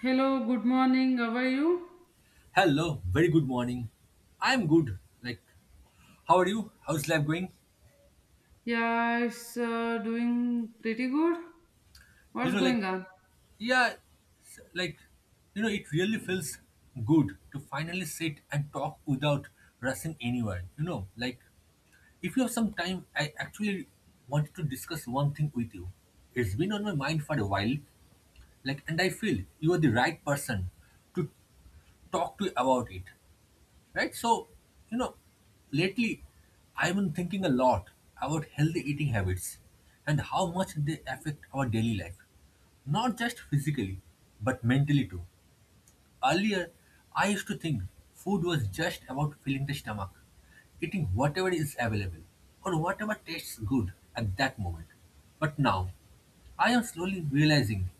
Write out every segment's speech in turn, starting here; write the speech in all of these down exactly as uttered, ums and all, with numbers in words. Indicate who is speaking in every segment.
Speaker 1: Hello, good morning. How are you?
Speaker 2: Hello, very good morning. I'm good. Like, how are you? How's life going?
Speaker 1: Yeah, it's uh, doing pretty good.
Speaker 2: You
Speaker 1: What's
Speaker 2: know, like,
Speaker 1: going on?
Speaker 2: yeah, s- like, you know, it really feels good to finally sit and talk without rushing anywhere. You know, like, if you have some time, I actually wanted to discuss one thing with you. It's been on my mind for a while, like, and I feel you are the right person to talk to about it. Right, so you know, lately I've been thinking a lot about healthy eating habits and how much they affect our daily life, not just physically but mentally too. Earlier, I used to think food was just about filling the stomach, eating whatever is available or whatever tastes good at that moment. But now, I am slowly realizing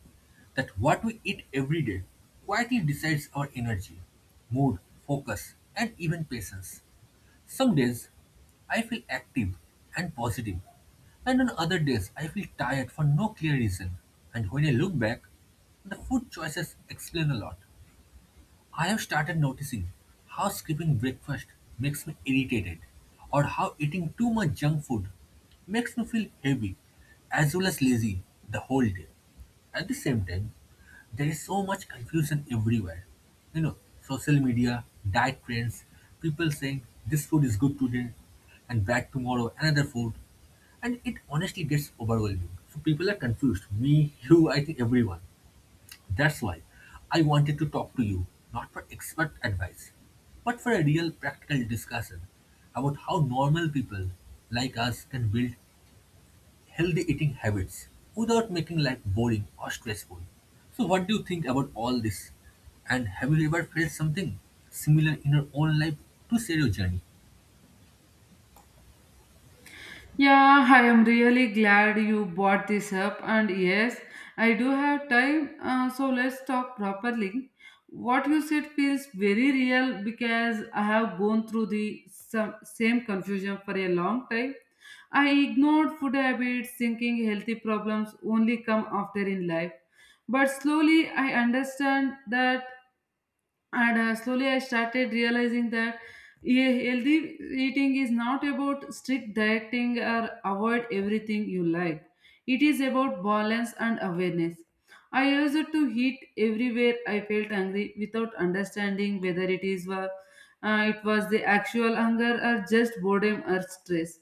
Speaker 2: that what we eat every day quietly decides our energy, mood, focus, and even patience. Some days I feel active and positive, and on other days I feel tired for no clear reason. And when I look back, the food choices explain a lot. I have started noticing how skipping breakfast makes me irritated, or how eating too much junk food makes me feel heavy as well as lazy the whole day. At the same time, there is so much confusion everywhere. You know, social media, diet trends, people saying this food is good today and bad tomorrow, another food. And it honestly gets overwhelming. So people are confused. Me, you, I think everyone. That's why I wanted to talk to you, not for expert advice, but for a real practical discussion about how normal people like us can build healthy eating habits without making life boring or stressful. So, what do you think about all this? And have you ever felt something similar in your own life to share your journey?
Speaker 1: Yeah, I am really glad you brought this up. And yes, I do have time, uh, so let's talk properly. What you said feels very real because I have gone through the some, same confusion for a long time. I ignored food habits, thinking healthy problems only come after in life. But slowly I understand that, and uh, slowly I started realizing that a healthy eating is not about strict dieting or avoid everything you like. It is about balance and awareness. I used to eat everywhere I felt hungry without understanding whether it is wa- uh, it was the actual hunger or just boredom or stress.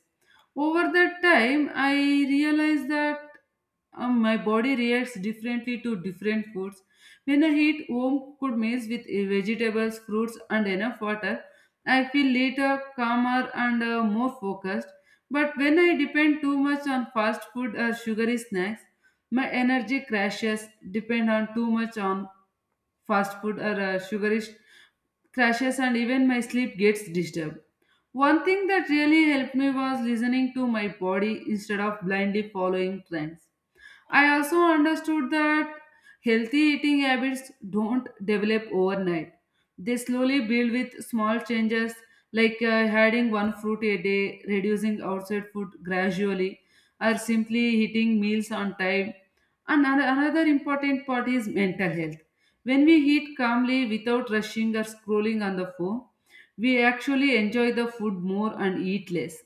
Speaker 1: Over that time, I realized that um, my body reacts differently to different foods. When I eat home cooked meals with uh, vegetables, fruits, and enough water, I feel later, calmer, and uh, more focused. But when I depend too much on fast food or sugary snacks, my energy crashes, depend on too much on fast food or uh, sugary sh- crashes, and even my sleep gets disturbed. One thing that really helped me was listening to my body instead of blindly following trends. I also understood that healthy eating habits don't develop overnight. They slowly build with small changes, like uh, adding one fruit a day, reducing outside food gradually, or simply eating meals on time. And ano- another important part is mental health. When we eat calmly without rushing or scrolling on the phone, we actually enjoy the food more and eat less.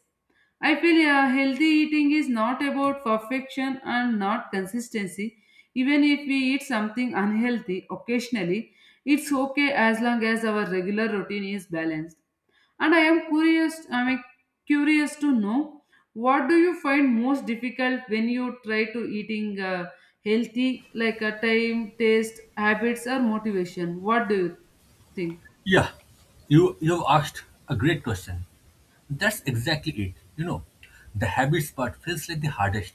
Speaker 1: I feel uh, healthy eating is not about perfection and not consistency. Even if we eat something unhealthy occasionally, it's okay as long as our regular routine is balanced. And I am curious, I am curious to know, what do you find most difficult when you try to eating uh, healthy, like a time, taste, habits, or motivation? What do you think?
Speaker 2: Yeah, you, you have asked a great question. That's exactly it. You know, the habits part feels like the hardest.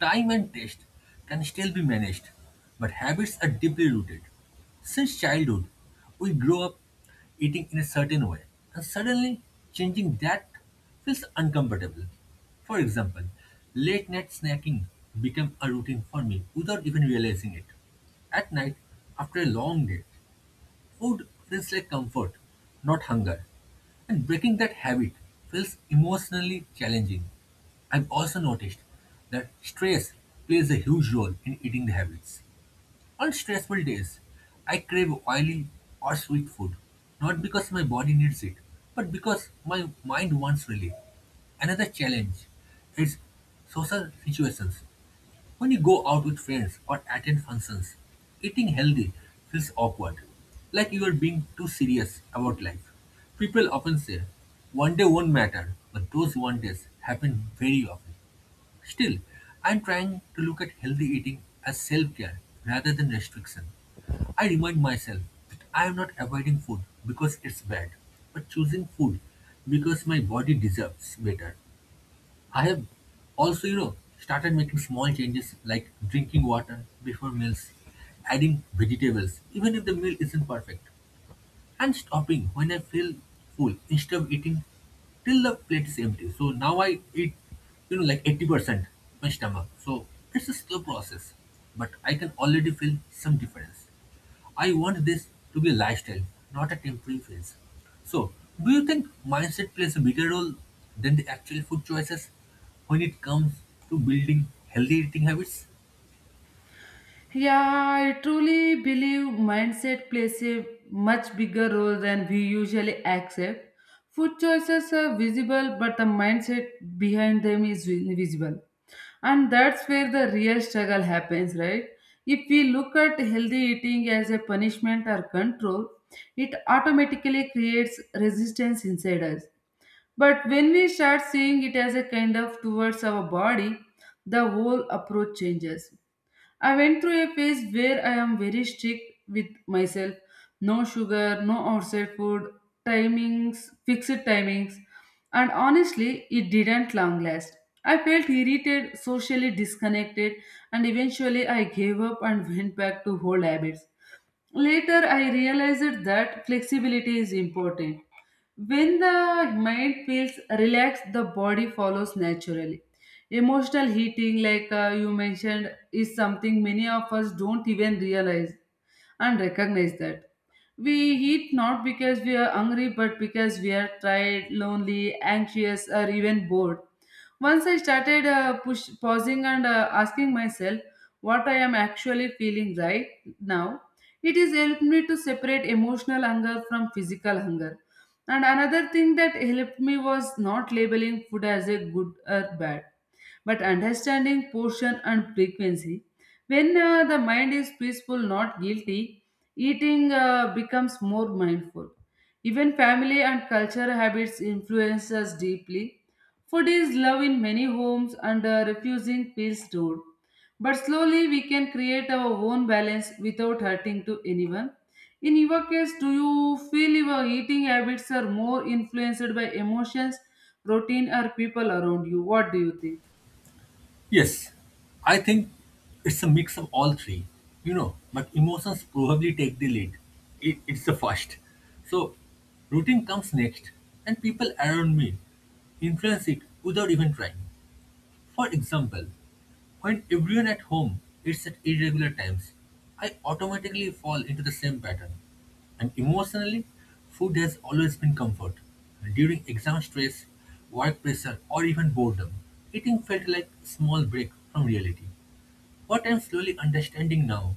Speaker 2: Time and taste can still be managed, but habits are deeply rooted. Since childhood, we grow up eating in a certain way, and suddenly changing that feels uncomfortable. For example, late night snacking became a routine for me without even realizing it. At night, after a long day, food feels like comfort, not hunger, and breaking that habit feels emotionally challenging. I've also noticed that stress plays a huge role in eating habits. On stressful days, I crave oily or sweet food, not because my body needs it, but because my mind wants relief. Another challenge is social situations. When you go out with friends or attend functions, eating healthy feels awkward, like you are being too serious about life. People often say, one day won't matter, but those one days happen very often. Still, I'm trying to look at healthy eating as self care rather than restriction. I remind myself that I am not avoiding food because it's bad, but choosing food because my body deserves better. I have also, you know, started making small changes like drinking water before meals, adding vegetables, even if the meal isn't perfect, and stopping when I feel full instead of eating till the plate is empty. So now I eat, you know, like eighty percent my stomach. So it's a slow process, but I can already feel some difference. I want this to be a lifestyle, not a temporary phase. So, do you think mindset plays a bigger role than the actual food choices when it comes to building healthy eating habits?
Speaker 1: Yeah, I truly believe mindset plays a much bigger role than we usually accept. Food choices are visible, but the mindset behind them is invisible. And that's where the real struggle happens, right? If we look at healthy eating as a punishment or control, it automatically creates resistance inside us. But when we start seeing it as a kind of towards our body, the whole approach changes. I went through a phase where I am very strict with myself. No sugar, no outside food, timings, fixed timings. And honestly, it didn't long last. I felt irritated, socially disconnected, and eventually I gave up and went back to old habits. Later, I realized that flexibility is important. When the mind feels relaxed, the body follows naturally. Emotional heating, like uh, you mentioned, is something many of us don't even realize and recognize that. We eat not because we are hungry, but because we are tired, lonely, anxious, or even bored. Once I started uh, push, pausing and uh, asking myself what I am actually feeling right now, it is helped me to separate emotional hunger from physical hunger. And another thing that helped me was not labeling food as a good or bad, but understanding portion and frequency. When uh, the mind is peaceful, not guilty, eating uh, becomes more mindful. Even family and cultural habits influence us deeply. Food is love in many homes, and uh, refusing feels rude. But slowly we can create our own balance without hurting to anyone. In your case, do you feel your eating habits are more influenced by emotions, routine, or people around you? What do you think?
Speaker 2: Yes, I think it's a mix of all three, you know, but emotions probably take the lead. It, it's the first. So, routine comes next, and people around me influence it without even trying. For example, when everyone at home eats at irregular times, I automatically fall into the same pattern. And emotionally, food has always been comfort. During exam stress, work pressure, or even boredom, eating felt like a small break from reality. What I'm slowly understanding now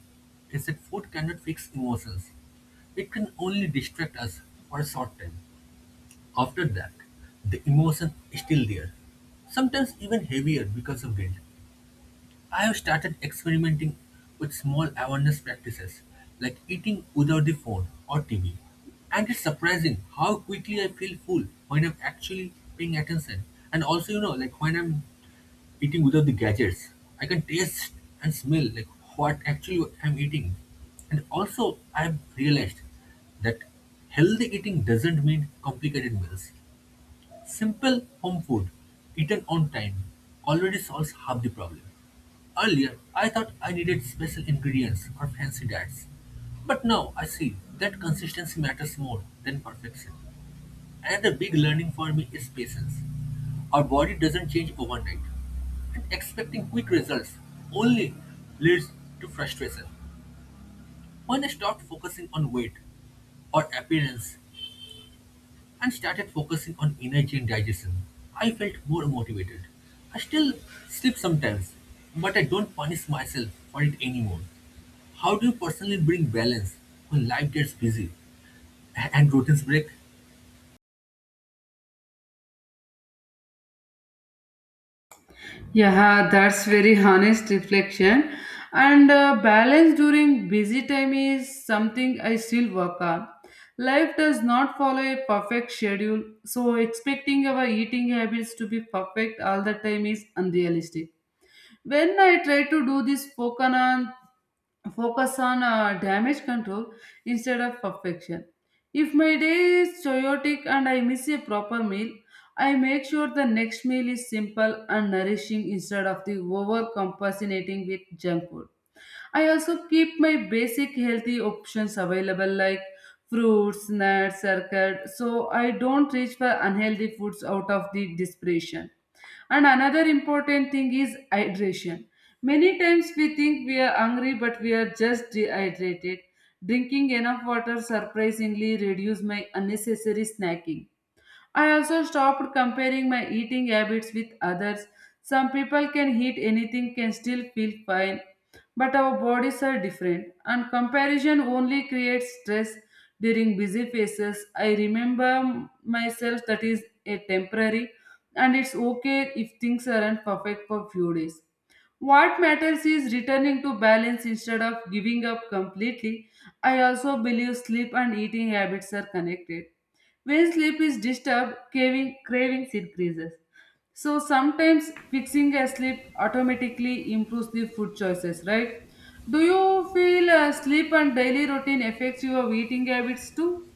Speaker 2: is that food cannot fix emotions. It can only distract us for a short time. After that, the emotion is still there, sometimes even heavier because of guilt. I have started experimenting with small awareness practices like eating without the phone or T V. And it's surprising how quickly I feel full when I'm actually paying attention. And also, you know, like when I'm eating without the gadgets, I can taste and smell like what actually I'm eating. And also, I've realized that healthy eating doesn't mean complicated meals. Simple home food, eaten on time, already solves half the problem. Earlier, I thought I needed special ingredients or fancy diets. But now I see that consistency matters more than perfection. Another big learning for me is patience. Our body doesn't change overnight, and expecting quick results only leads to frustration. When I stopped focusing on weight or appearance and started focusing on energy and digestion, I felt more motivated. I still sleep sometimes, but I don't punish myself for it anymore. How do you personally bring balance when life gets busy a- and routines break?
Speaker 1: Yeah, that's very honest reflection. And uh, balance during busy time is something I still work on. Life does not follow a perfect schedule, so expecting our eating habits to be perfect all the time is unrealistic. When I try to do this, focus on focus on uh, damage control instead of perfection. If my day is chaotic and I miss a proper meal, I make sure the next meal is simple and nourishing instead of the overcompensating with junk food. I also keep my basic healthy options available, like fruits, nuts, circuit, so I don't reach for unhealthy foods out of the desperation. And another important thing is hydration. Many times we think we are hungry, but we are just dehydrated. Drinking enough water surprisingly reduced my unnecessary snacking. I also stopped comparing my eating habits with others. Some people can eat anything, can still feel fine, but our bodies are different, and comparison only creates stress. During busy phases, I remember myself that is a temporary, and it's okay if things aren't perfect for few days. What matters is returning to balance instead of giving up completely. I also believe sleep and eating habits are connected. When sleep is disturbed, craving, cravings increases. So sometimes fixing a sleep automatically improves the food choices, right? Do you feel uh, sleep and daily routine affects your eating habits too?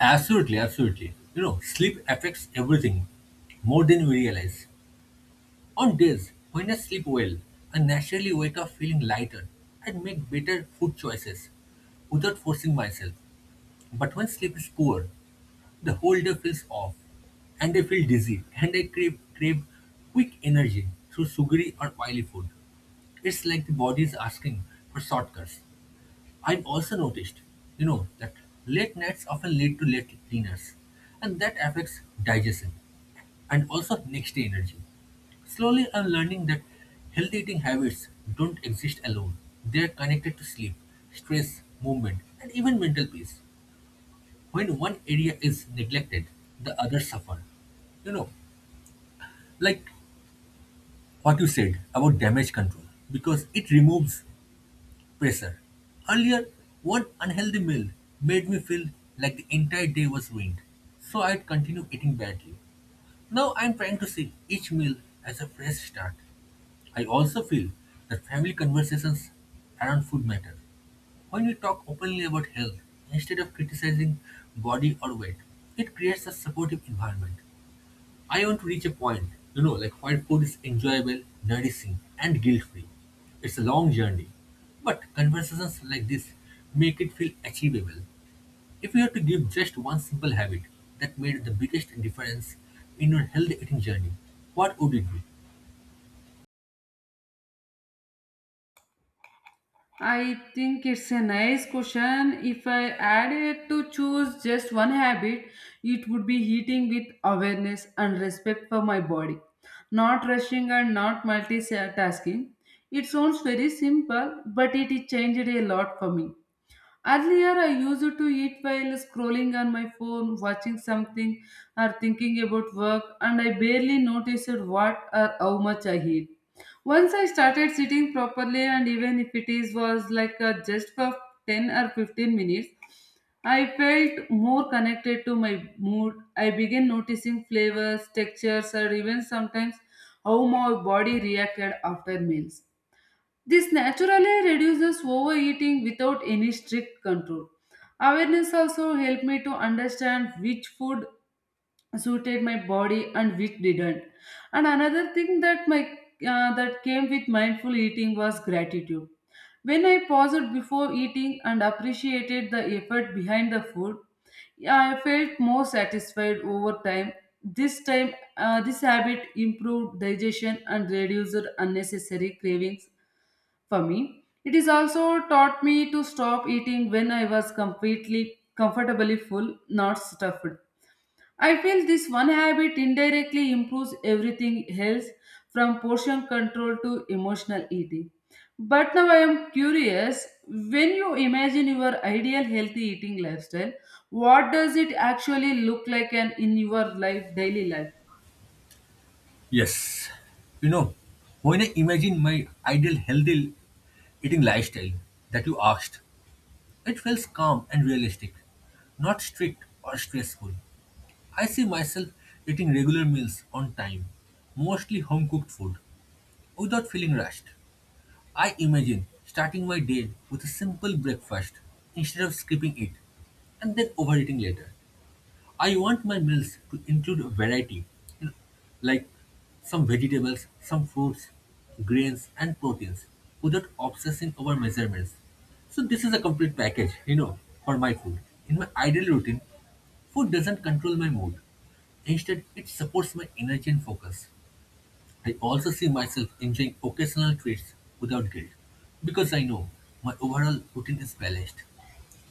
Speaker 2: Absolutely, absolutely. You know, sleep affects everything more than we realize. On days when I sleep well, I naturally wake up feeling lighter and make better food choices without forcing myself. But when sleep is poor, the whole day feels off, and I feel dizzy, and I crave, crave quick energy through sugary or oily food. It's like the body is asking for shortcuts. I've also noticed, you know, that late nights often lead to late dinners, and that affects digestion and also next day energy. Slowly, I'm learning that healthy eating habits don't exist alone. They are connected to sleep, stress, movement, and even mental peace. When one area is neglected, the others suffer. You know, like what you said about damage control, because it removes pressure. Earlier, one unhealthy meal made me feel like the entire day was ruined, so I'd continue eating badly. Now I'm trying to see each meal as a fresh start. I also feel that family conversations around food matter. When we talk openly about health instead of criticizing body or weight, it creates a supportive environment. I want to reach a point, you know, like where food is enjoyable, nourishing, and guilt free. It's a long journey, but conversations like this make it feel achievable. If you had to give just one simple habit that made the biggest difference in your healthy eating journey, what would it be?
Speaker 1: I think it's a nice question. If I had it to choose just one habit, it would be eating with awareness and respect for my body, not rushing and not multitasking. It sounds very simple, but it changed a lot for me. Earlier, I used to eat while scrolling on my phone, watching something, or thinking about work, and I barely noticed what or how much I eat. Once I started sitting properly, and even if it is was like uh, just for ten or fifteen minutes, I felt more connected to my mood. I began noticing flavors, textures, or even sometimes how my body reacted after meals. This naturally reduces overeating without any strict control. Awareness also helped me to understand which food suited my body and which didn't. And another thing that my uh, that came with mindful eating was gratitude. When I paused before eating and appreciated the effort behind the food, I felt more satisfied over time. This time, uh, this habit improved digestion and reduced unnecessary cravings. For me, it is also taught me to stop eating when I was completely comfortably full, not stuffed. I feel this one habit indirectly improves everything else, from portion control to emotional eating. But now I am curious, when you imagine your ideal healthy eating lifestyle, what does it actually look like and in your life daily life?
Speaker 2: Yes. You know, when I imagine my ideal healthy eating lifestyle that you asked, it feels calm and realistic, not strict or stressful. I see myself eating regular meals on time, mostly home cooked food, without feeling rushed. I imagine starting my day with a simple breakfast instead of skipping it and then overeating later. I want my meals to include variety, you know, like some vegetables, some fruits, grains, and proteins without obsessing over measurements. So, this is a complete package, you know, for my food. In my ideal routine, food doesn't control my mood, instead, it supports my energy and focus. I also see myself enjoying occasional treats without guilt because I know my overall routine is balanced.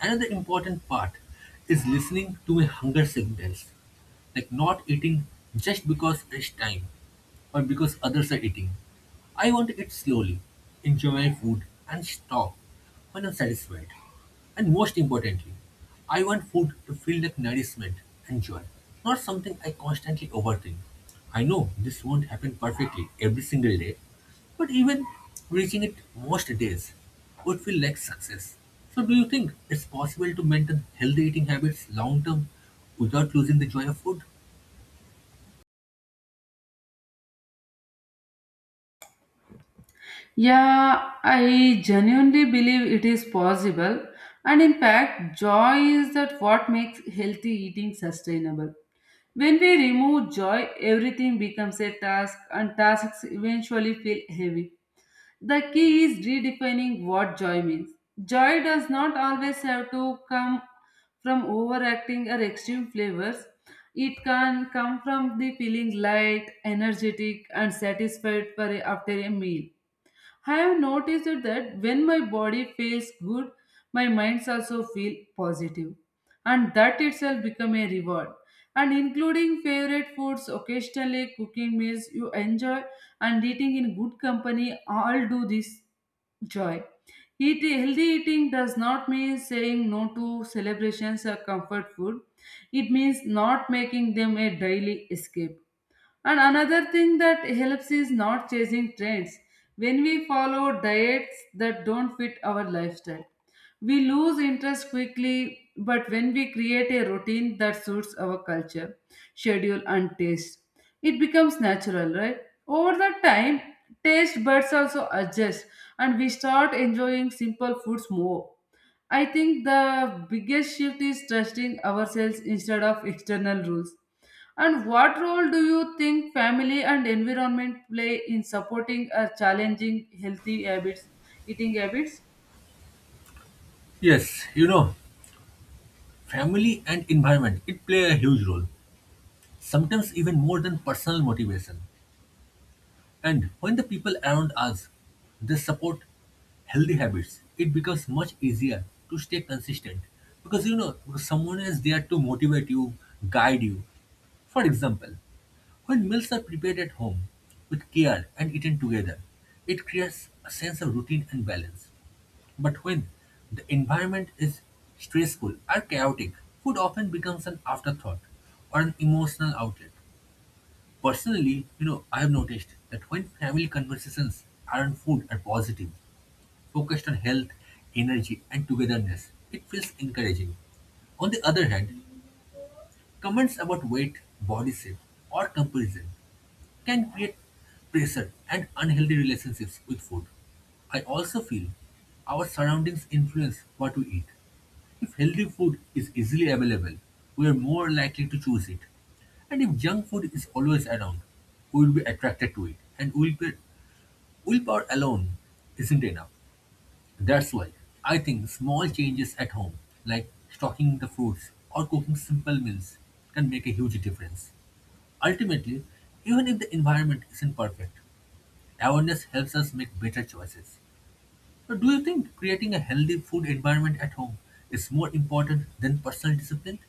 Speaker 2: Another important part is listening to my hunger signals, like not eating just because it's time or because others are eating. I want to eat slowly, enjoy my food, and stop when I'm satisfied. And most importantly, I want food to feel like nourishment and joy, not something I constantly overthink. I know this won't happen perfectly every single day, but even reaching it most days would feel like success. So, do you think it's possible to maintain healthy eating habits long term without losing the joy of food?
Speaker 1: Yeah, I genuinely believe it is possible. And in fact, joy is that what makes healthy eating sustainable. When we remove joy, everything becomes a task, and tasks eventually feel heavy. The key is redefining what joy means. Joy does not always have to come from overacting or extreme flavors. It can come from the feeling light, energetic, and satisfied for a- after a meal. I have noticed it that when my body feels good, my minds also feel positive, and that itself become a reward. And including favorite foods, occasionally cooking meals you enjoy, and eating in good company all do this joy. Eat healthy eating does not mean saying no to celebrations or comfort food. It means not making them a daily escape, and another thing that helps is not chasing trends. When we follow diets that don't fit our lifestyle, we lose interest quickly. But when we create a routine that suits our culture, schedule, and taste, it becomes natural, right? Over the time, taste buds also adjust, and we start enjoying simple foods more. I think the biggest shift is trusting ourselves instead of external rules. And what role do you think family and environment play in supporting or challenging healthy habits, eating habits?
Speaker 2: Yes, you know, family and environment it play a huge role, sometimes even more than personal motivation. And when the people around us they support healthy habits, it becomes much easier to stay consistent because you know because someone is there to motivate you, guide you. For example, when meals are prepared at home with care and eaten together, it creates a sense of routine and balance. But when the environment is stressful or chaotic, food often becomes an afterthought or an emotional outlet. Personally, you know, I have noticed that when family conversations around food are positive, focused on health, energy, and togetherness, it feels encouraging. On the other hand, comments about weight, body shape, or comparison can create pressure and unhealthy relationships with food. I also feel our surroundings influence what we eat. If healthy food is easily available, we are more likely to choose it. And if junk food is always around, we will be attracted to it. And willpower, willpower alone isn't enough. That's why I think small changes at home, like stocking the fruits or cooking simple meals, can make a huge difference. Ultimately, even if the environment isn't perfect, awareness helps us make better choices. But do you think creating a healthy food environment at home is more important than personal discipline?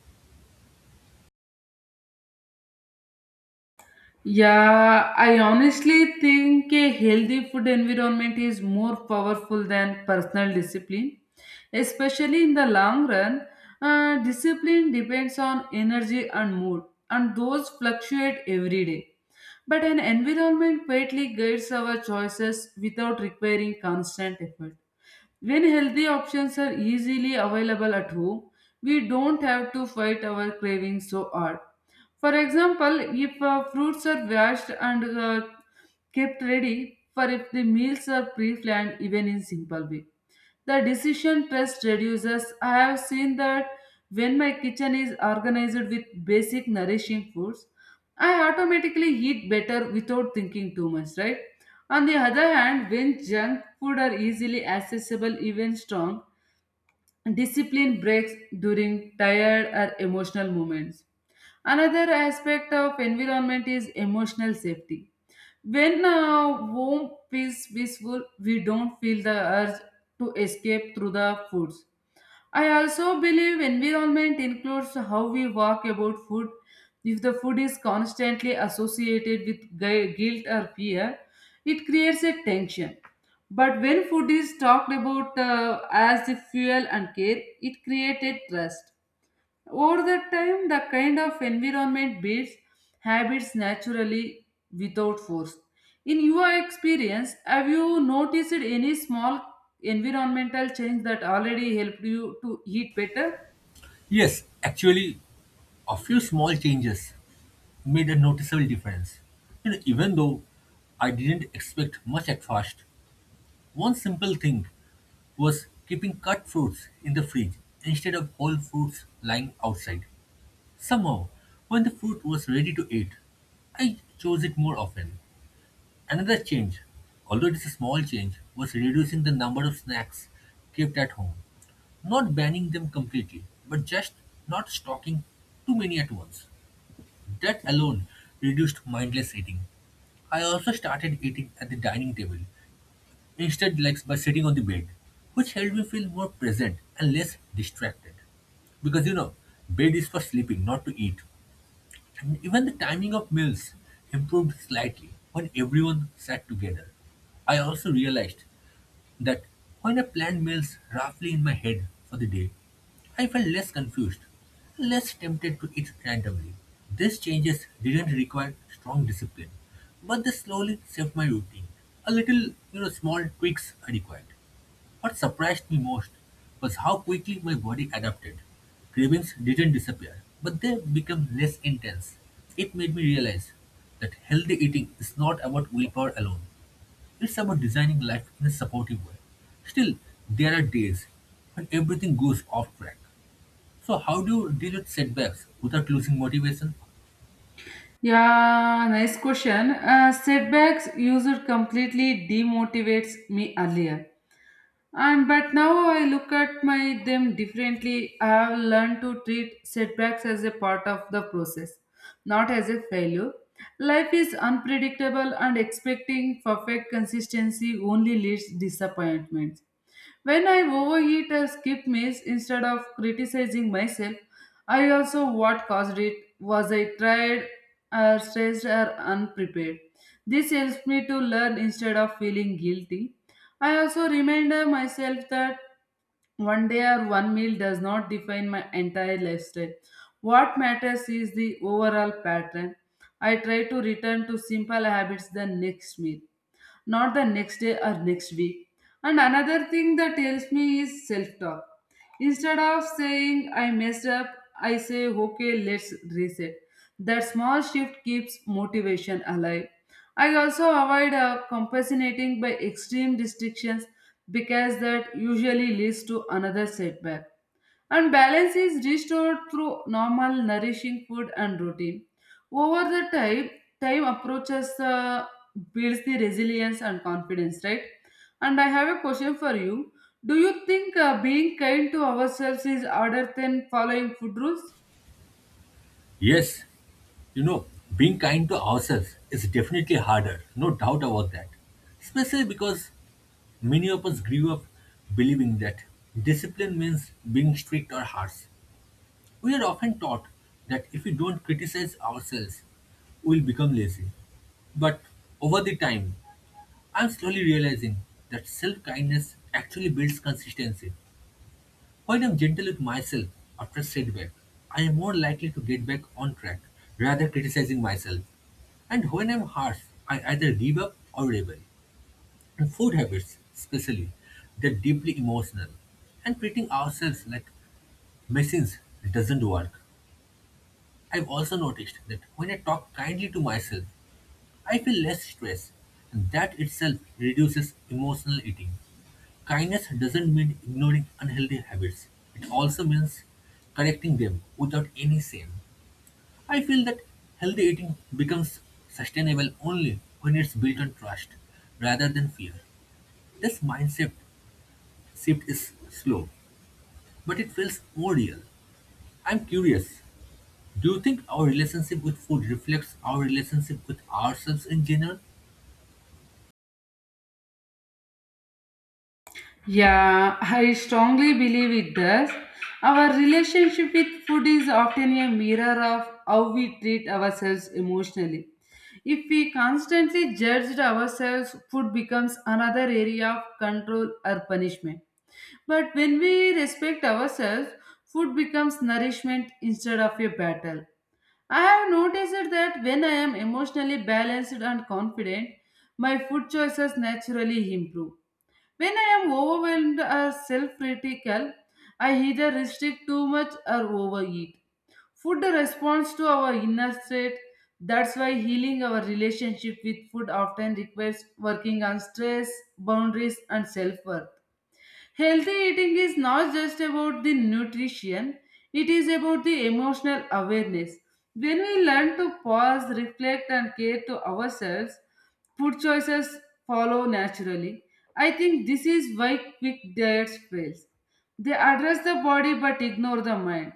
Speaker 1: Yeah, I honestly think a healthy food environment is more powerful than personal discipline, especially in the long run. Uh, discipline depends on energy and mood, and those fluctuate every day. But an environment quietly guides our choices without requiring constant effort. When healthy options are easily available at home, we don't have to fight our cravings so hard. For example, if uh, fruits are washed and uh, kept ready, for if the meals are pre-planned even in simple way. The decision stress reduces. I have seen that when my kitchen is organized with basic nourishing foods, I automatically eat better without thinking too much, right? On the other hand, when junk food are easily accessible, even strong, discipline breaks during tired or emotional moments. Another aspect of environment is emotional safety. When uh, home feels peaceful, we don't feel the urge to escape through the foods. I also believe environment includes how we walk about food. If the food is constantly associated with gu- guilt or fear, it creates a tension. But when food is talked about uh, as the fuel and care, it created trust. Over the time, the kind of environment builds habits naturally without force. In your experience, have you noticed any small environmental change that already helped you to eat better?
Speaker 2: Yes, actually, a few small changes made a noticeable difference. You know, even though I didn't expect much at first, one simple thing was keeping cut fruits in the fridge instead of whole fruits lying outside. Somehow, when the fruit was ready to eat, I chose it more often. Another change, although it is a small change, was reducing the number of snacks kept at home. Not banning them completely, but just not stocking too many at once. That alone reduced mindless eating. I also started eating at the dining table instead like by sitting on the bed, which helped me feel more present and less distracted. Because you know, bed is for sleeping, not to eat. And even the timing of meals improved slightly when everyone sat together. I also realized that when I planned meals roughly in my head for the day, I felt less confused, less tempted to eat randomly. These changes didn't require strong discipline, but they slowly shaped my routine. A little, you know, small tweaks are required. What surprised me most was how quickly my body adapted. Cravings didn't disappear, but they became less intense. It made me realize that healthy eating is not about willpower alone, it's about designing life in a supportive way. Still, there are days when everything goes off track. So, how do you deal with setbacks without losing motivation?
Speaker 1: Yeah, nice question. Uh, setbacks used completely demotivates me earlier. And but now I look at my them differently. I have learned to treat setbacks as a part of the process, not as a failure. Life is unpredictable, and expecting perfect consistency only leads disappointments. When I overeat or skip meals, instead of criticizing myself, I also what caused it was I tired or stressed or unprepared. This helps me to learn instead of feeling guilty. I also remind uh, myself that one day or one meal does not define my entire lifestyle. What matters is the overall pattern. I try to return to simple habits the next meal, not the next day or next week. And another thing that helps me is self talk. Instead of saying I messed up, I say okay, let's reset. That small shift keeps motivation alive. I also avoid uh, compensating by extreme restrictions because that usually leads to another setback, and balance is restored through normal nourishing food and routine. Over the time, time approaches uh, builds the resilience and confidence, right? And I have a question for you. Do you think uh, being kind to ourselves is harder than following food rules?
Speaker 2: Yes, you know, being kind to ourselves is definitely harder, no doubt about that. Especially because many of us grew up believing that discipline means being strict or harsh. We are often taught that if we don't criticize ourselves, we'll become lazy. But over the time, I'm slowly realizing that self kindness actually builds consistency. When I'm gentle with myself after a setback, I am more likely to get back on track rather criticizing myself. And when I'm harsh, I either give up or rebel. And food habits, especially, they're deeply emotional. And treating ourselves like machines doesn't work. I've also noticed that when I talk kindly to myself, I feel less stress, and that itself reduces emotional eating. Kindness doesn't mean ignoring unhealthy habits, it also means correcting them without any shame. I feel that healthy eating becomes sustainable only when it's built on trust rather than fear. This mindset shift is slow, but it feels more real. I'm curious. Do you think our relationship with food reflects our relationship with ourselves in general?
Speaker 1: Yeah, I strongly believe it does. Our relationship with food is often a mirror of how we treat ourselves emotionally. If we constantly judge ourselves, food becomes another area of control or punishment. But when we respect ourselves, food becomes nourishment instead of a battle. I have noticed that when I am emotionally balanced and confident, my food choices naturally improve. When I am overwhelmed or self critical, I either restrict too much or overeat. Food responds to our inner state. That's why healing our relationship with food often requires working on stress, boundaries, and self worth. Healthy eating is not just about the nutrition, it is about the emotional awareness. When we learn to pause, reflect, and care to ourselves, food choices follow naturally. I think this is why quick diets fail. They address the body but ignore the mind.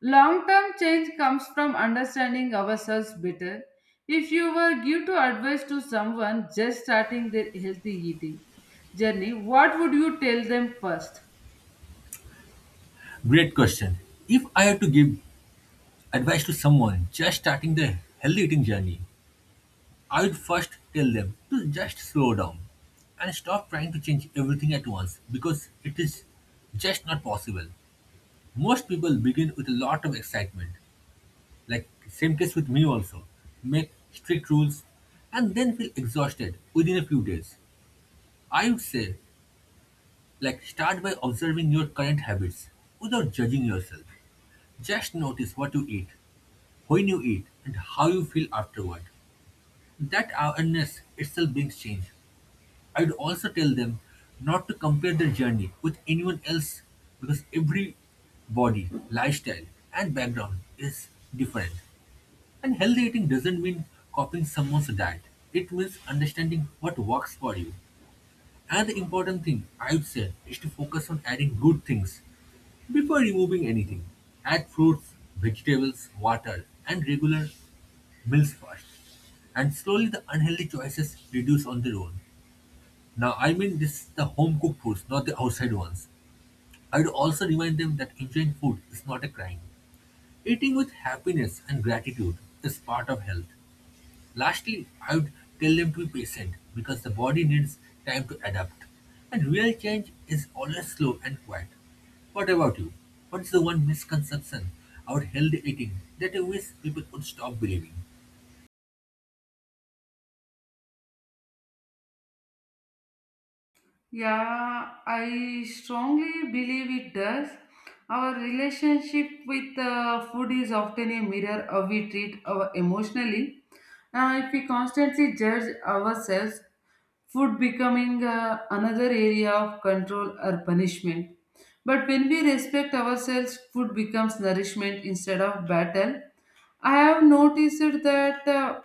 Speaker 1: Long term change comes from understanding ourselves better. If you were give to advice to someone just starting their healthy eating journey, what would you tell them first?
Speaker 2: Great question. If I had to give advice to someone just starting their healthy eating journey, I would first tell them to just slow down and stop trying to change everything at once because it is just not possible. Most people begin with a lot of excitement, like same case with me also, make strict rules and then feel exhausted within a few days. I would say like start by observing your current habits without judging yourself. Just notice what you eat, when you eat and how you feel afterward. That awareness itself brings change. I'd also tell them not to compare their journey with anyone else because every body, lifestyle, and background is different. And healthy eating doesn't mean copying someone's diet, it means understanding what works for you. And the important thing, I'd say, is to focus on adding good things before removing anything. Add fruits, vegetables, water, and regular meals first. And slowly the unhealthy choices reduce on their own. Now, I mean this the home cooked foods, not the outside ones. I'd also remind them that enjoying food is not a crime. Eating with happiness and gratitude is part of health. Lastly, I would tell them to be patient because the body needs time to adapt. And real change is always slow and quiet. What about you? What is the one misconception about healthy eating that you wish people would stop believing?
Speaker 1: Yeah, I strongly believe it does. Our relationship with uh, food is often a mirror of we treat our emotionally. Now, if we constantly judge ourselves, food becoming uh, another area of control or punishment. But when we respect ourselves, food becomes nourishment instead of battle. I have noticed that uh,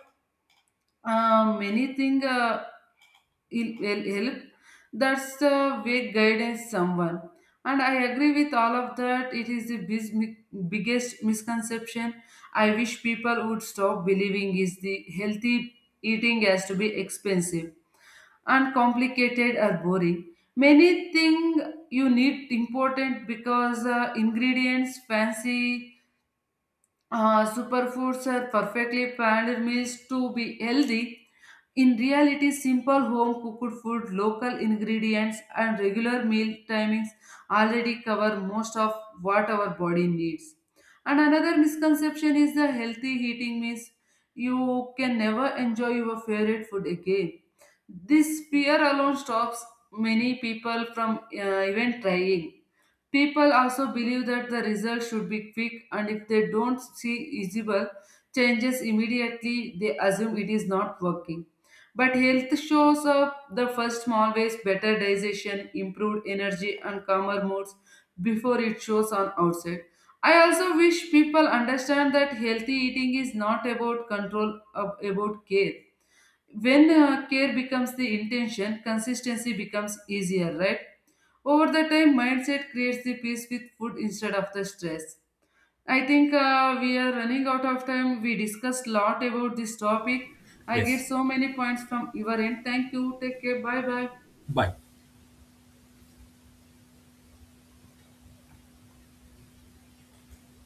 Speaker 1: uh, many things uh, il- will help. That's the way guidance someone. And I agree with all of that. It is the bis- mi- biggest misconception. I wish people would stop believing is the healthy eating has to be expensive and complicated or boring. Many thing you need important because uh, ingredients, fancy uh, superfoods are perfectly planned meals to be healthy. In reality, simple home cooked food, local ingredients, and regular meal timings already cover most of what our body needs. And another misconception is the healthy eating means you can never enjoy your favorite food again. This fear alone stops many people from uh, even trying. People also believe that the results should be quick, and if they don't see visible changes immediately, they assume it is not working. But health shows up the first small ways, better digestion, improved energy, and calmer moods before it shows on outside. I also wish people understand that healthy eating is not about control, ab- about care. When uh, care becomes the intention, consistency becomes easier, right? Over the time mindset creates the peace with food instead of the stress. I think uh, we are running out of time. We discussed lot about this topic. I get
Speaker 2: Yes.
Speaker 1: so many points from your end. Thank you, take care, bye bye.
Speaker 2: Bye.